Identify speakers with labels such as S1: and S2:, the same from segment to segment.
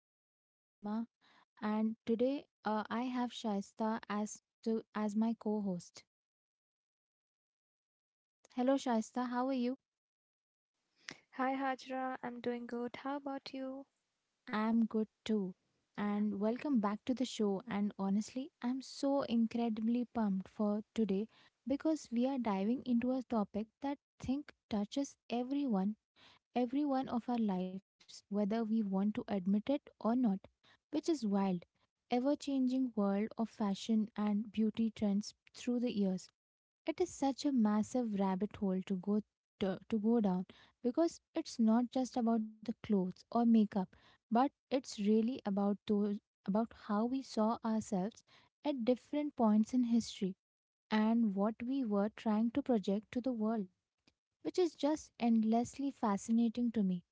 S1: Hajra Fatima, and today I have Shaista as my co-host. Hello Shaista, how are you?
S2: Hi Hajra, I'm doing good. How about you?
S1: I'm good too. And welcome back to the show. And honestly, I'm so incredibly pumped for today because we are diving into a topic that I think touches everyone, every one of our lives, whether we want to admit it or not, which is wild ever changing world of fashion and beauty trends through the years. It is such a massive rabbit hole to to go down because it's not just about the clothes or makeup, but it's really about those about how we saw ourselves at different points in history and what we were trying to project to the world, which is just endlessly fascinating to me.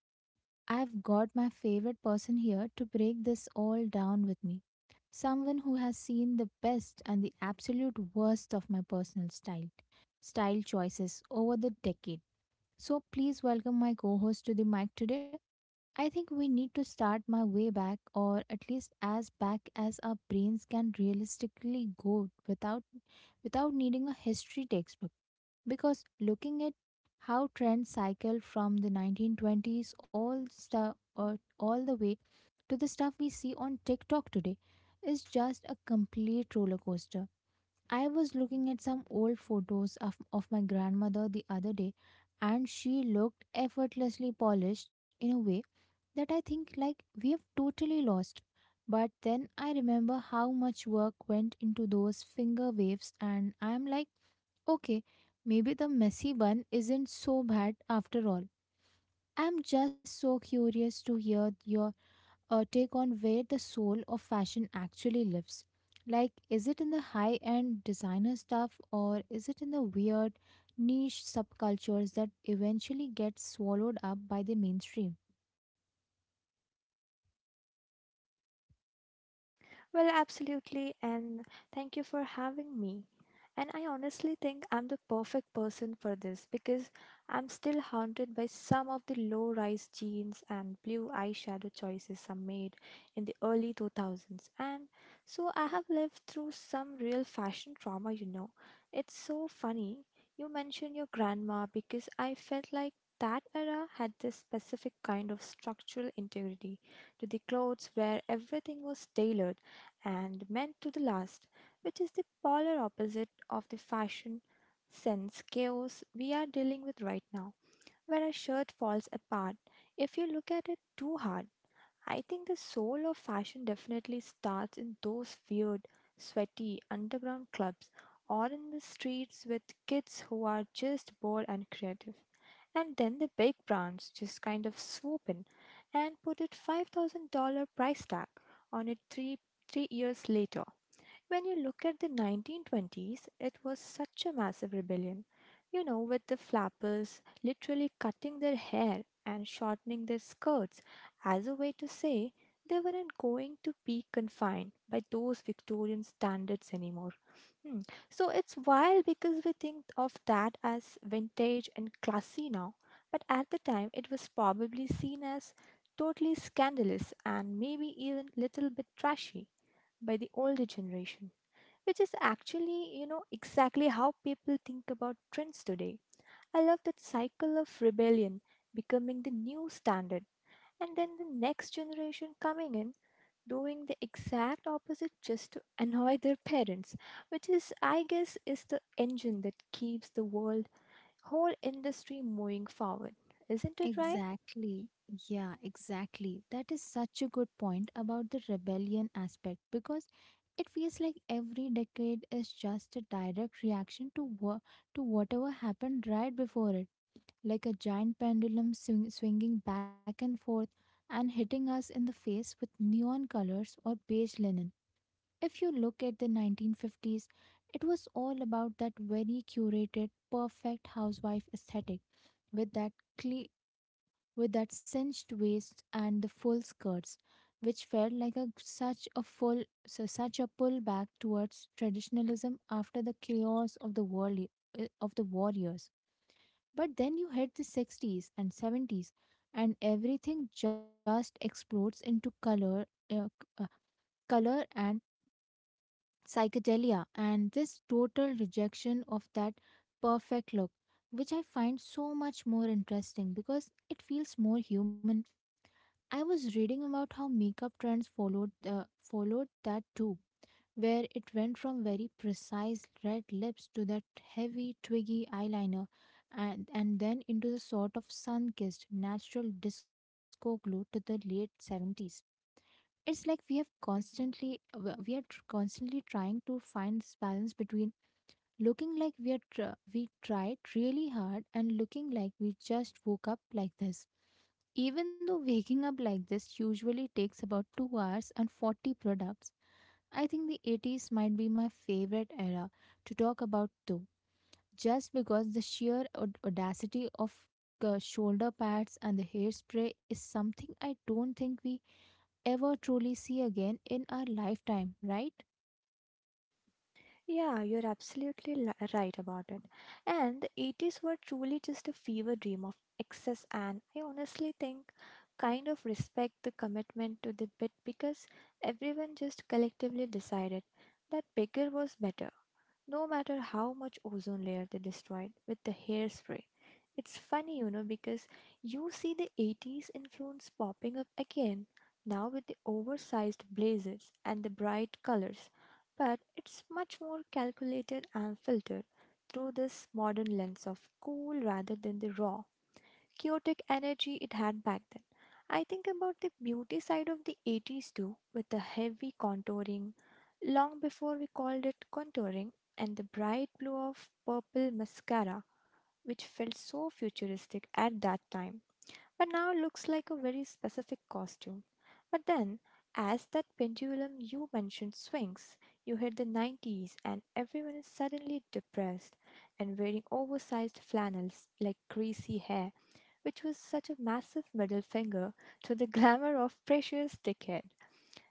S1: I've got my favorite person here to break this all down with me. Someone who has seen the best and the absolute worst of my style choices over the decade. So please welcome my co host to the mic today. I think we need to start my way back, or at least as back as our brains can realistically go without needing a history textbook, because looking at how trends cycle from the 1920s all stuff or all the way to the stuff we see on TikTok today is just a complete roller coaster. I was looking at some old photos of my grandmother the other day, and she looked effortlessly polished in a way that I think like we have totally lost. But then I remember how much work went into those finger waves, and I'm like, okay, maybe the messy one isn't so bad after all. I'm just so curious to hear your take on where the soul of fashion actually lives. Like, is it in the high end designer stuff, or is it in the weird niche subcultures that eventually get swallowed up by the mainstream?
S2: Well, absolutely, and thank you for having me. And I honestly think I'm the perfect person for this because I'm still haunted by some of the low rise jeans and blue eyeshadow choices I made in the early 2000s. And so I have lived through some real fashion trauma, you know. It's so funny you mentioned your grandma because I felt like that era had this specific kind of structural integrity to the clothes where everything was tailored and meant to the last, which is the polar opposite of the fashion sense chaos we are dealing with right now, where a shirt falls apart if you look at it too hard. I think the soul of fashion definitely starts in those weird, sweaty underground clubs or in the streets with kids who are just bored and creative. And then the big brands just kind of swoop in and put a $5,000 price tag on it three years later. When you look at the 1920s, it was such a massive rebellion, you know, with the flappers literally cutting their hair and shortening their skirts as a way to say they weren't going to be confined by those Victorian standards anymore. Hmm. So it's wild because we think of that as vintage and classy now, but at the time it was probably seen as totally scandalous and maybe even little bit trashy by the older generation, which is actually, you know, exactly how people think about trends today. I love that cycle of rebellion becoming the new standard and then the next generation coming in doing the exact opposite just to annoy their parents, which is I guess is the engine that keeps the world whole industry moving forward, isn't it, right?
S1: Exactly. Yeah, exactly. That is such a good point about the rebellion aspect, because it feels like every decade is just a direct reaction to whatever happened right before it, like a giant swinging back and forth and hitting us in the face with neon colors or beige linen. If you look at the 1950s, it was all about that very curated, perfect housewife aesthetic with that cle with that cinched waist and the full skirts, which felt like a such a full so such a pull back towards traditionalism after the chaos of the war of the warriors. But then you hit the 60s and 70s, and everything just explodes into color, uh, c- uh, color and psychedelia, and this total rejection of that perfect look, which I find so much more interesting because it feels more human. I was reading about how makeup trends followed, uh, followed that too, where it went from very precise red lips to that heavy twiggy eyeliner, and then into the sort of sun-kissed natural disco glow to the late 70s. It's like we have constantly w- we are tr- constantly trying to find this balance between looking like we tried really hard and looking like we just woke up like this. Even though waking up like this usually takes about 2 hours and 40 products, I think the 80s might be my favorite era to talk about too, just because the sheer audacity of shoulder pads and the hairspray is something I don't think we ever truly see again in our lifetime, right?
S2: Yeah, you're right about it. And the 80s were truly just a fever dream of excess, and I honestly think kind of respect the commitment to the bit because everyone just collectively decided that bigger was better no matter how much ozone layer they destroyed with the hairspray. It's funny, you know, because you see the 80s influence popping up again, now with the oversized blazers and the bright colors, but it's much more calculated and filtered through this modern lens of cool rather than the raw, chaotic energy it had back then. I think about the beauty side of the 80s too, with the heavy contouring, long before we called it contouring, and the bright blue of purple mascara, which felt so futuristic at that time, but now looks like a very specific costume. But then, as that pendulum you mentioned swings, you hit the 90s and everyone is suddenly depressed and wearing oversized flannels like greasy hair, which was such a massive middle finger to the glamour of previous decade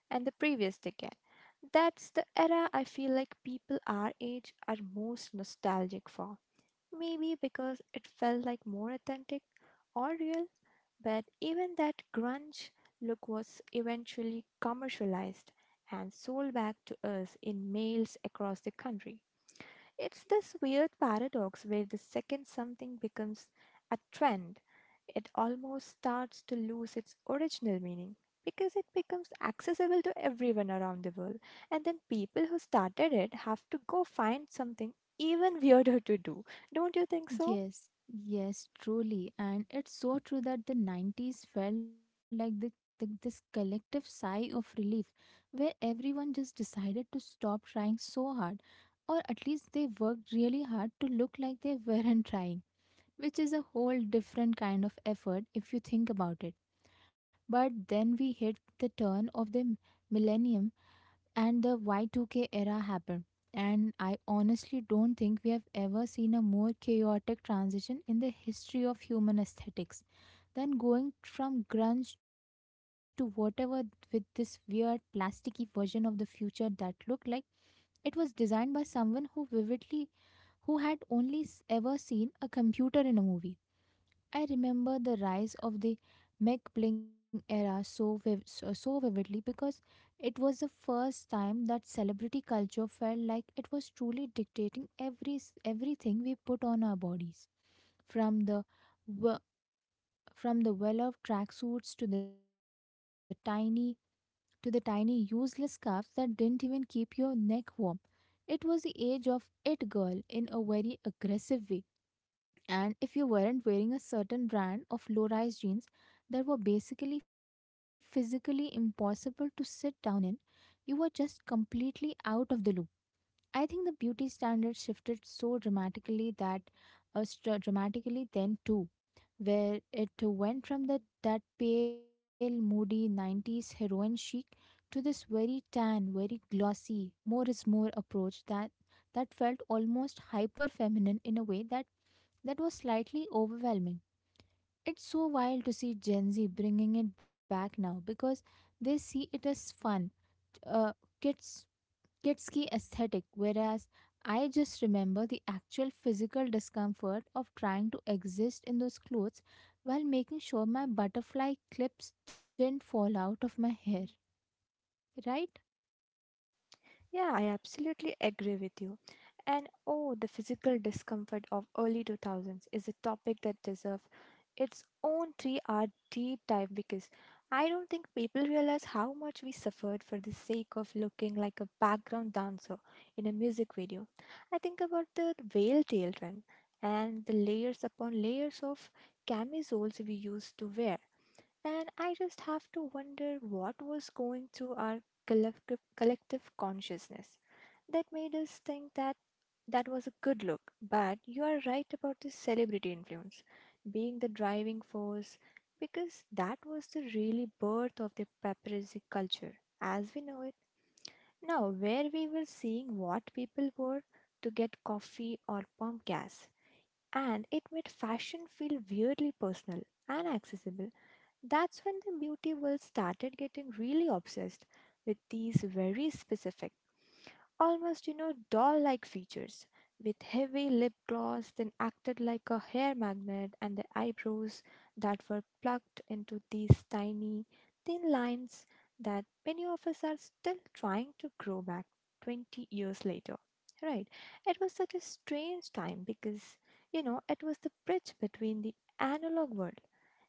S2: and the previous decade. That's the era I feel like people our age are most nostalgic for. Maybe because it felt like more authentic or real, but even that grunge look was eventually commercialized and sold back to us in mails across the country. It's this weird paradox where the second something becomes a trend, it almost starts to lose its original meaning because it becomes accessible to everyone around the world. And then people who started it have to go find something even weirder to do. Don't you think so?
S1: Yes, yes, truly. And it's so true that the 90s felt like this collective sigh of relief, where everyone just decided to stop trying so hard, or at least they worked really hard to look like they weren't trying, which is a whole different kind of effort if you think about it. But then we hit the turn of the millennium and the Y2K era happened. And I honestly don't think we have ever seen a more chaotic transition in the history of human aesthetics than going from grunge to whatever, with this weird plasticky version of the future that looked like it was designed by someone who had ever seen a computer in a movie. I remember the rise of the MacBling era so vividly, because it was the first time that celebrity culture felt like it was truly dictating everything we put on our bodies, from the w- from the well-off tracksuits to the tiny useless scarves that didn't even keep your neck warm. It was the age of it girl in a very aggressive way, and if you weren't wearing a certain brand of low rise jeans that were basically physically impossible to sit down in, you were just completely out of the loop. I think the beauty standards shifted so dramatically dramatically then too, where it went from that pale, moody 90s heroin chic to this very tan, very glossy, more is more approach that felt almost hyper feminine in a way that was slightly overwhelming. It's so wild to see Gen Z bringing it back now, because they see it as fun, uh, kids, kidsky aesthetic, whereas I just remember the actual physical discomfort of trying to exist in those clothes while making sure my butterfly clips didn't fall out of my hair, right?
S2: Yeah, I absolutely agree with you. And oh, the physical discomfort of early 2000s is a topic that deserves its own 3-hour deep dive because I don't think people realize how much we suffered for the sake of looking like a background dancer in a music video. I think about the whale tail trend and the layers upon layers of camisoles we used to wear. And I just have to wonder what was going through our collective consciousness that made us think that that was a good look. But you are right about the celebrity influence being the driving force because that was the really birth of the paparazzi culture as we know it. Now, where we were seeing what people wore to get coffee or pump gas, and it made fashion feel weirdly personal and accessible. That's when the beauty world started getting really obsessed with these very specific almost, you know, doll like features, with heavy lip gloss then acted like a hair magnet, and the eyebrows that were plugged into these tiny, thin lines that many of us are still trying to grow back 20 years later. Right. It was such a strange time because, you know, it was the bridge between the analog world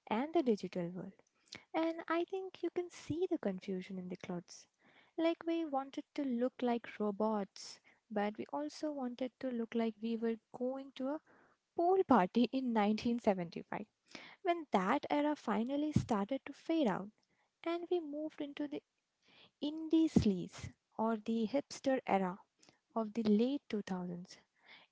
S2: and the digital world. And I think you can see the confusion in the clothes. Like we wanted to look like robots, but we also wanted to look like we were going to a pool party in 1975. When that era finally started to fade out, and we moved into the indie sleaze or the hipster era of the late 2000s.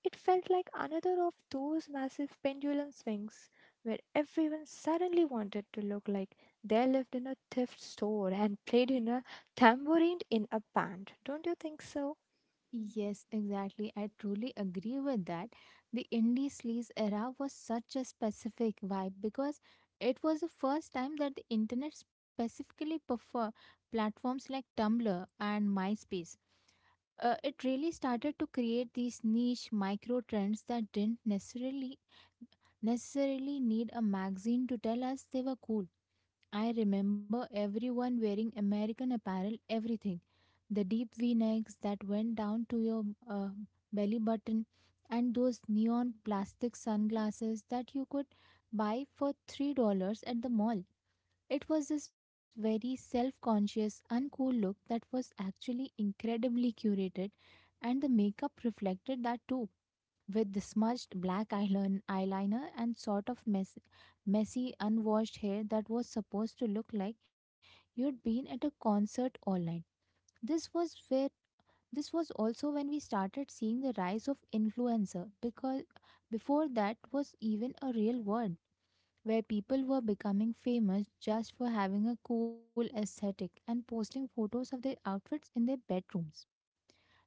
S2: It felt like another of those massive pendulum swings where everyone suddenly wanted to look like they lived in a thrift store and played in a tambourine in a band. Don't you think so?
S1: Yes, exactly. I truly agree with that. The indie sleaze era was such a specific vibe, because it was the first time that the internet, specifically prefer platforms like Tumblr and MySpace. It really started to create these niche micro trends that didn't necessarily necessarily need a magazine to tell us they were cool. I remember everyone wearing American apparel, everything, the deep V necks that went down to your uh, belly button, and those neon plastic sunglasses that you could buy for $3 at the mall. It was this very self conscious, uncool look that was actually incredibly curated, and the makeup reflected that too, with the smudged black eyeliner and sort of messy, unwashed hair that was supposed to look like you'd been at a concert all night. This was where this was also when we started seeing the rise of influencer, because before that was even a real word, where people were becoming famous just for having a cool aesthetic and posting photos of their outfits in their bedrooms.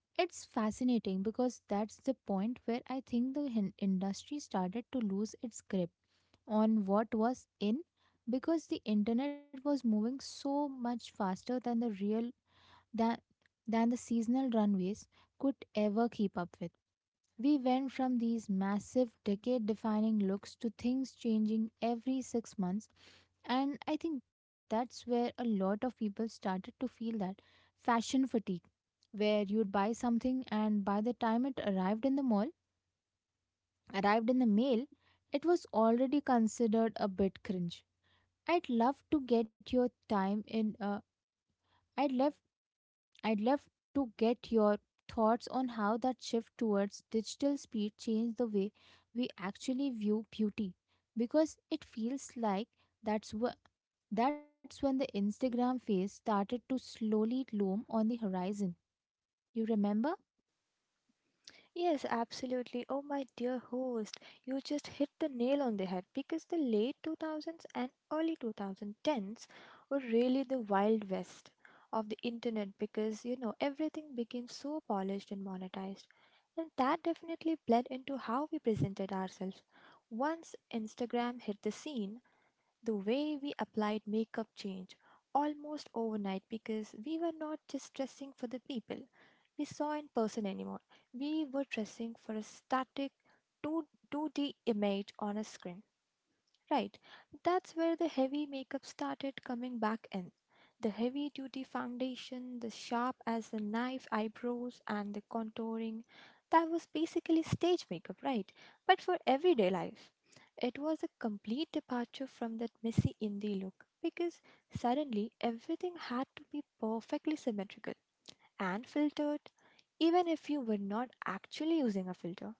S1: It's fascinating because that's the point where I think the industry started to lose its grip on what was in, because the internet was moving so much faster than the real that than the seasonal runways could ever keep up with. We went from these massive decade defining looks to things changing every 6 months, and I think that's where a lot of people started to feel that fashion fatigue, where you'd buy something and by the time it arrived in the mail, it was already considered a bit cringe. I'd love to get your time in. I'd love I'd love to get your thoughts on how that shift towards digital speed changed the way we actually view beauty, because it feels like that's wh- that's when the Instagram phase started to slowly loom on the horizon. You remember?
S2: Yes, absolutely. Oh, my dear host, you just hit the nail on the head because the late 2000s and early 2010s were really the wild west of the internet because, you know, everything became so polished and monetized. And that definitely bled into how we presented ourselves. Once Instagram hit the scene, the way we applied makeup changed almost overnight because we were not just dressing for the people we saw in person anymore. We were dressing for a static 2 2D image on a screen. Right, that's where the heavy makeup started coming back in. The heavy duty foundation, the sharp as a knife eyebrows, and the contouring. That was basically stage makeup, right? But for everyday life. It was a complete departure from that messy indie look because suddenly everything had to be perfectly symmetrical and filtered, even if you were not actually using a filter.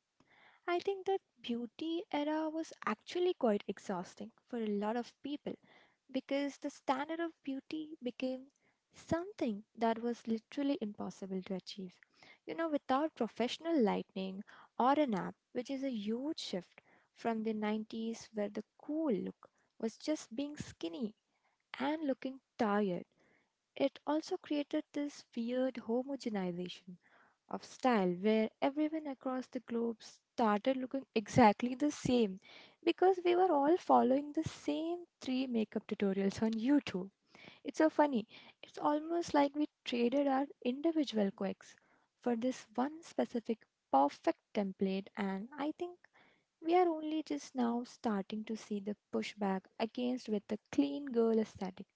S2: I think that beauty era was actually quite exhausting for a lot of people because the standard of beauty became something that was literally impossible to achieve. You know, without professional lighting or an app, which is a huge shift from the 90s where the cool look was just being skinny and looking tired. It also created this weird homogenization of style where everyone across the globe started looking exactly the same because we were all following the same three makeup tutorials on YouTube. It's so funny. It's almost like we traded our individual quirks for this one specific perfect template, and I think we are only just now starting to see the pushback against with the clean girl aesthetic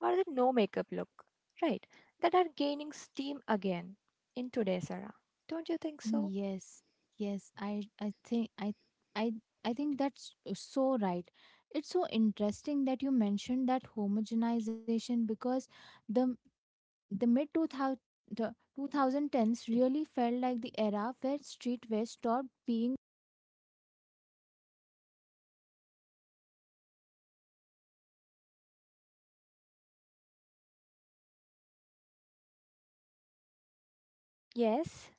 S2: or the no makeup look, right? That are gaining steam again in today's era. Don't you think so?
S1: Yes. Yes, I I think that's so right. It's so interesting that you mentioned that homogenization because the the mid 2000 the 2010s really felt like the era where streetwear stopped being.
S2: Yes.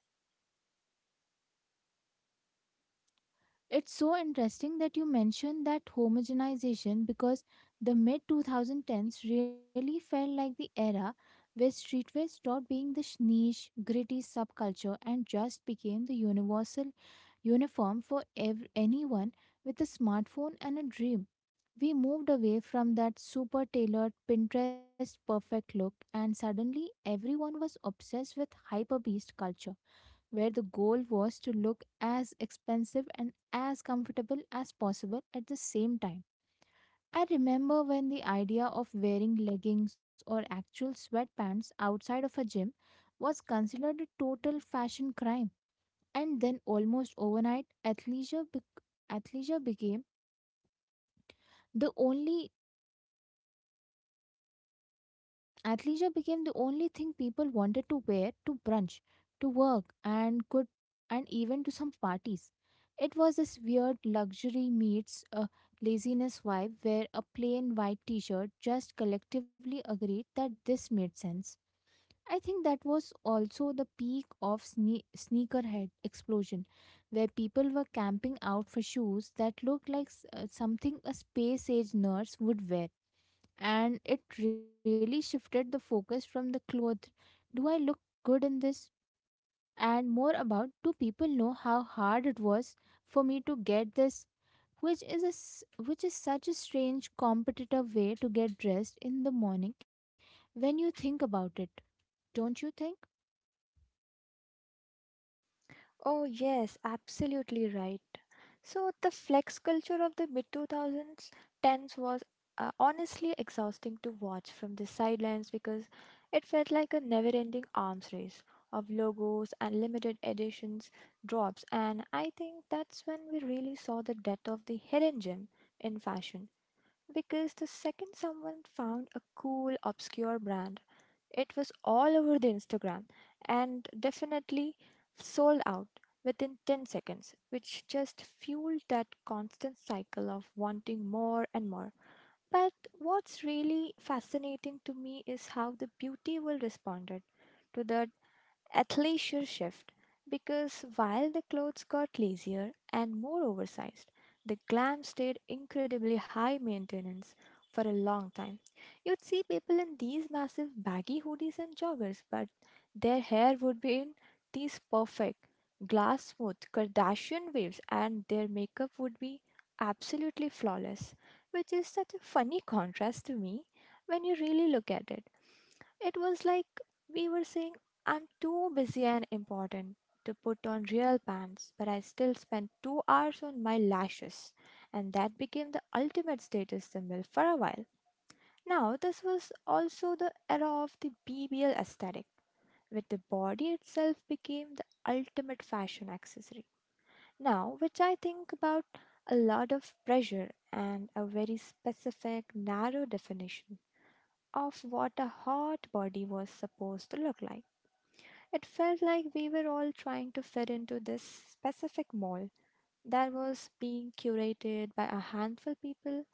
S1: It's so interesting that you mentioned that homogenization because the mid 2010s really felt like the era where streetwear stopped being the niche, gritty subculture and just became the universal uniform for anyone with a smartphone and a dream. We moved away from that super tailored Pinterest perfect look, and suddenly everyone was obsessed with hyperbeast culture, where the goal was to look as expensive and as comfortable as possible at the same time. I remember when the idea of wearing leggings or actual sweatpants outside of a gym was considered a total fashion crime, and then almost overnight, athleisure became the only athleisure became the only thing people wanted to wear to brunch, to work, and even to some parties. It was this weird luxury meets a laziness vibe where a plain white t-shirt just collectively agreed that this made sense. I think that was also the peak of sneakerhead explosion, where people were camping out for shoes that looked like something a space age nurse would wear, and it really shifted the focus from the clothes, do I look good in this, and more about, do people know how hard it was for me to get this, which is which is such a strange competitive way to get dressed in the morning when you think about it, don't you think?
S2: Oh, yes, absolutely right. So, the flex culture of the mid 2000s, 10s was honestly exhausting to watch from the sidelines because it felt like a never ending arms race of logos and limited editions drops. And I think that's when we really saw the death of the hidden gem in fashion because the second someone found a cool, obscure brand, it was all over the Instagram and definitely sold out within 10 seconds, which just fueled that constant cycle of wanting more and more. But what's really fascinating to me is how the beauty world responded to the athleisure shift because while the clothes got lazier and more oversized, the glam stayed incredibly high maintenance for a long time. You'd see people in these massive baggy hoodies and joggers, but their hair would be in these perfect, glass smooth Kardashian waves, and their makeup would be absolutely flawless, which is such a funny contrast to me when you really look at it. It was like we were saying I'm too busy and important to put on real pants, but I still spend 2 hours on my lashes, and that became the ultimate status symbol for a while. Now, this was also the era of the BBL aesthetic, where the body itself became the ultimate fashion accessory. Now, which I think about a lot of pressure and a very specific, narrow definition of what a hot body was supposed to look like. It felt like we were all trying to fit into this specific mall that was being curated by a handful people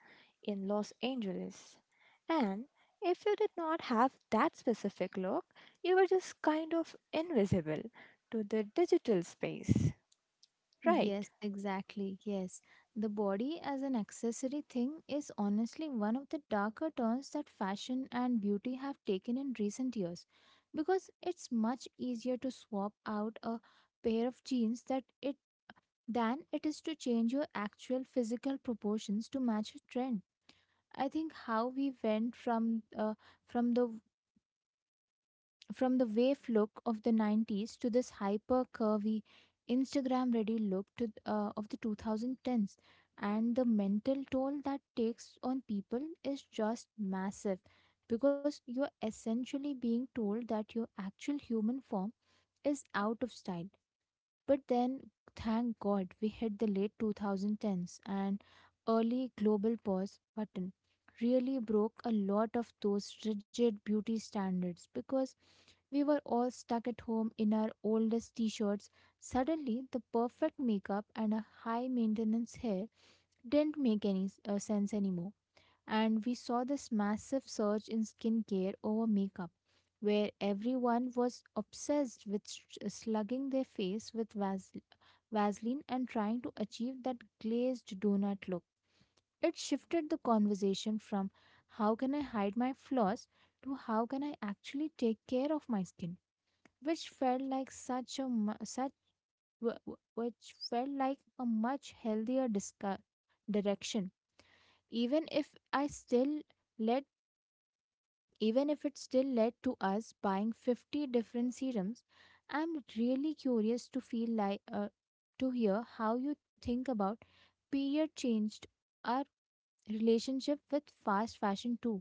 S2: in Los Angeles. And if you did not have that specific look, you were just kind of invisible to the digital space, right?
S1: Yes, exactly. Yes. The body as an accessory thing is honestly one of the darker turns that fashion and beauty have taken in recent years because it's much easier to swap out a pair of jeans that it than it is to change your actual physical proportions to match a trend. I think how we went from the from the wave look of the 90s to this hyper curvy Instagram ready look of the 2010s, and the mental toll that takes on people is just massive, because you're essentially being told that your actual human form is out of style. But then, thank God, we hit the late 2010s and early global pause button. Really broke a lot of those rigid beauty standards because we were all stuck at home in our oldest t shirts. Suddenly, the perfect makeup and a high maintenance hair didn't make any sense anymore. And we saw this massive surge in skincare over makeup, where everyone was obsessed with slugging their face with Vaseline and trying to achieve that glazed donut look. It shifted the conversation from, how can I hide my flaws, to, how can I actually take care of my skin, which felt like such a mu- such w- w- which felt like a much healthier direction. Even if I still let Even if it still led to us buying 50 different serums. I'm really curious to feel like to hear how you think about period changed our relationship with fast fashion too,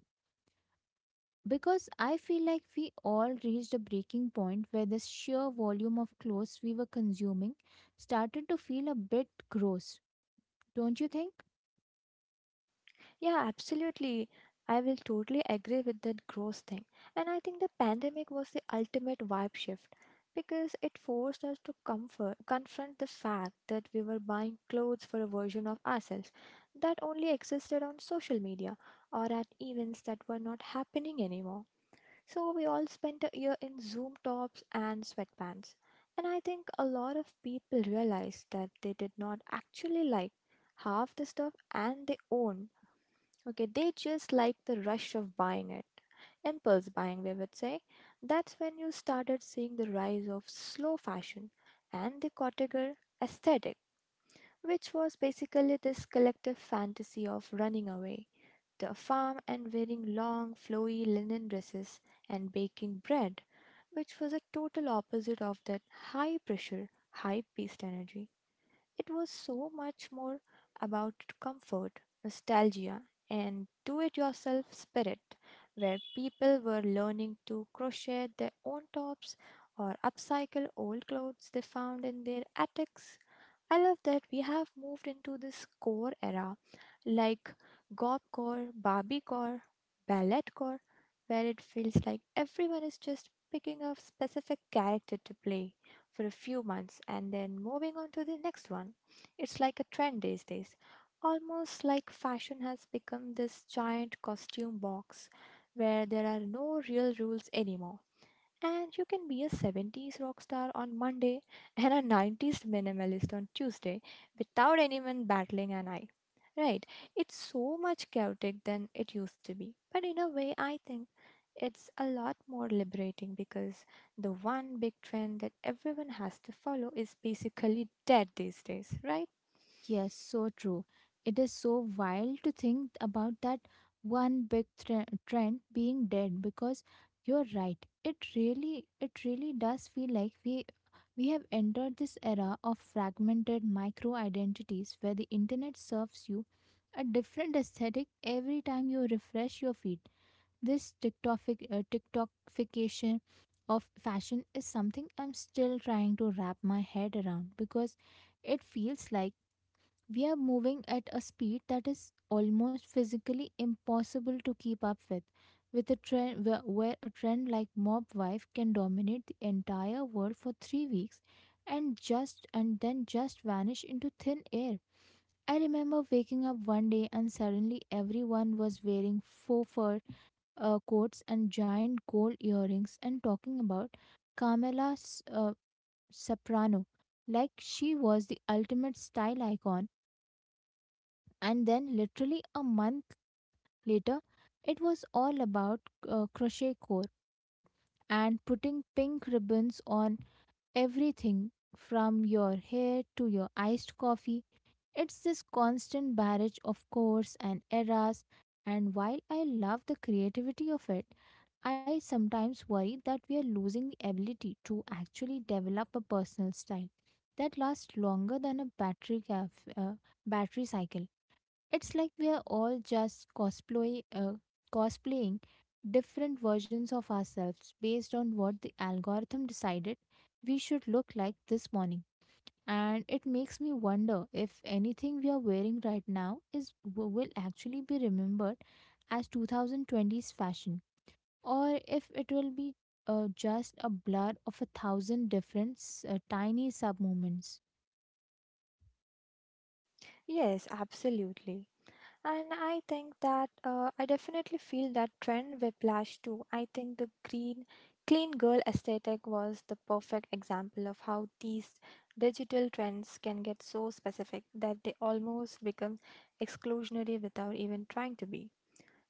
S1: because I feel like we all reached a breaking point where the sheer volume of clothes we were consuming started to feel a bit gross, don't you think?
S2: Yeah, absolutely. I will totally agree with that gross thing. And I think the pandemic was the ultimate vibe shift because it forced us to comfort, confront the fact that we were buying clothes for a version of ourselves that only existed on social media or at events that were not happening anymore. So we all spent a year in Zoom tops and sweatpants. And I think a lot of people realized that they did not actually like half the stuff and they own. Okay, they just like the rush of buying it. Impulse buying, we would say. That's when you started seeing the rise of slow fashion and the cottager aesthetic, which was basically this collective fantasy of running away the farm and wearing long, flowy linen dresses and baking bread, which was a total opposite of that high pressure, high paced energy. It was so much more about comfort, nostalgia, and do it yourself spirit, where people were learning to crochet their own tops or upcycle old clothes they found in their attics. I love that we have moved into this core era like gopcore, barbiecore, balletcore, where it feels like everyone is just picking a specific character to play for a few months and then moving on to the next one. It's like a trend these days. Almost like fashion has become this giant costume box where there are no real rules anymore. And you can be a 70s rock star on Monday and a 90s minimalist on Tuesday without anyone battling an eye, right? It's so much chaotic than it used to be. But in a way, I think it's a lot more liberating because the one big trend that everyone has to follow is basically dead these days, right?
S1: Yes, so true. It is so wild to think about that one big trend being dead, because you're right. It really does feel like we have entered this era of fragmented micro identities where the internet serves you a different aesthetic every time you refresh your feed. This TikTokic TikTokification of fashion is something I'm still trying to wrap my head around because it feels like we are moving at a speed that is almost physically impossible to keep up with a trend where a trend like Mob Wife can dominate the entire world for 3 weeks and just and then just vanish into thin air. I remember waking up one day and suddenly everyone was wearing faux fur coats and giant gold earrings and talking about Carmela S- uh, Soprano like she was the ultimate style icon, and then, literally a month later, it was all about crochet core and putting pink ribbons on everything from your hair to your iced coffee. It's this constant barrage of cores and eras. And while I love the creativity of it, I sometimes worry that we are losing the ability to actually develop a personal style that lasts longer than a battery cycle. It's like we are all just cosplaying different versions of ourselves based on what the algorithm decided we should look like this morning. And it makes me wonder if anything we are wearing right now will actually be remembered as 2020's fashion, or if it will be just a blur of a thousand different tiny sub moments.
S2: Yes, absolutely. And I think that I definitely feel that trend whiplash too. I think the green, clean girl aesthetic was the perfect example of how these digital trends can get so specific that they almost become exclusionary without even trying to be.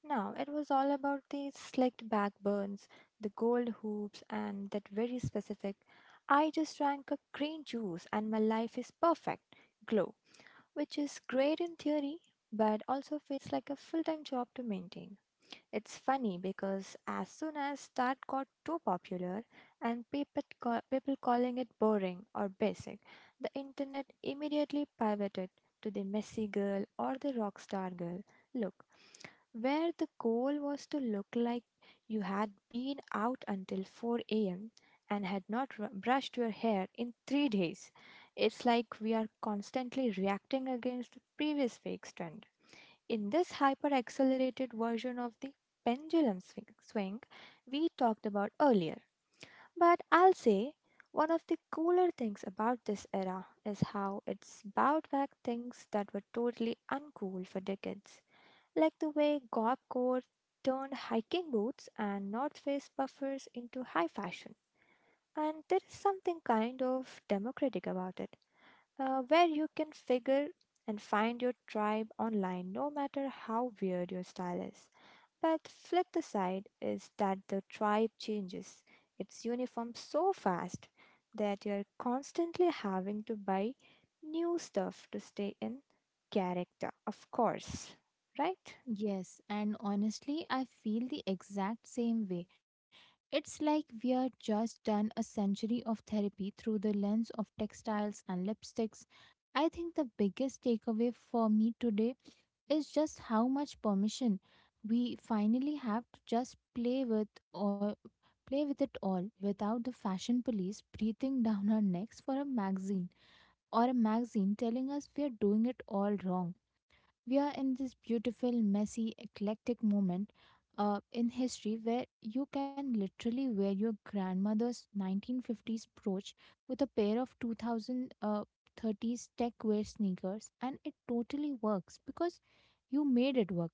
S2: Now, it was all about the slicked back burns, the gold hoops, and that very specific I just drank a green juice and my life is perfect glow, which is great in theory but also feels like a full time job to maintain. It's funny because as soon as that got too popular and people calling it boring or basic, the internet immediately pivoted to the messy girl or the rock star girl look, where the goal was to look like you had been out until 4 a.m. and had not brushed your hair in three days. It's like we are constantly reacting against the previous week's trend. In this hyper accelerated version of the pendulum swing we talked about earlier. But I'll say one of the cooler things about this era is how it's bowed back things that were totally uncool for decades, like the way Golf Court turned hiking boots and North Face puffers into high fashion. And there is something kind of democratic about it, where you can figure and find your tribe online no matter how weird your style is. But flip the side is that the tribe changes its uniform so fast that you're constantly having to buy new stuff to stay in character, of course, right?
S1: Yes, and honestly, I feel the exact same way. It's like we are just done a century of therapy through the lens of textiles and lipsticks. I think the biggest takeaway for me today is just how much permission we finally have to just or play with it all without the fashion police breathing down our necks for a magazine or a magazine telling us we are doing it all wrong. We are in this beautiful, messy, eclectic moment in history where you can literally wear your grandmother's 1950s brooch with a pair of 2030s tech wear sneakers, and it totally works because you made it work.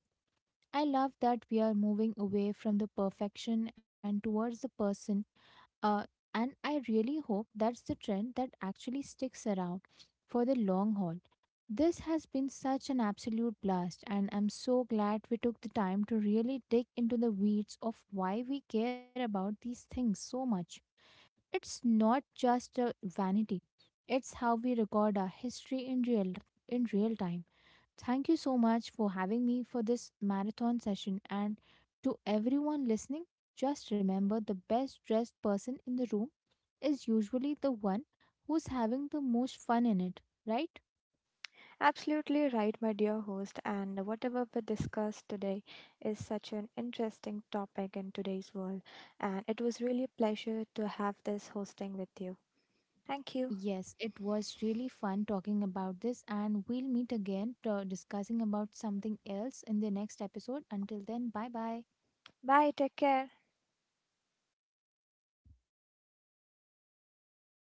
S1: I love that we are moving away from the perfection and towards the person, uh, and I really hope that's the trend that actually sticks around for the long haul. This has been such an absolute blast, and I'm so glad we took the time to really dig into the weeds of why we care about these things so much. It's not just a vanity, it's how we record our history in real time. Thank you so much for having me for this marathon session. And to everyone listening, just remember, the best dressed person in the room is usually the one who's having the most fun in it, right?
S2: Absolutely right, my dear host. And whatever we discussed today is such an interesting topic in today's world. And it was really a pleasure to have this hosting with you. Thank you.
S1: Yes, it was really fun talking about this, and we'll meet again to discussing about something else in the next episode. Until then, bye bye.
S2: Bye. Take care.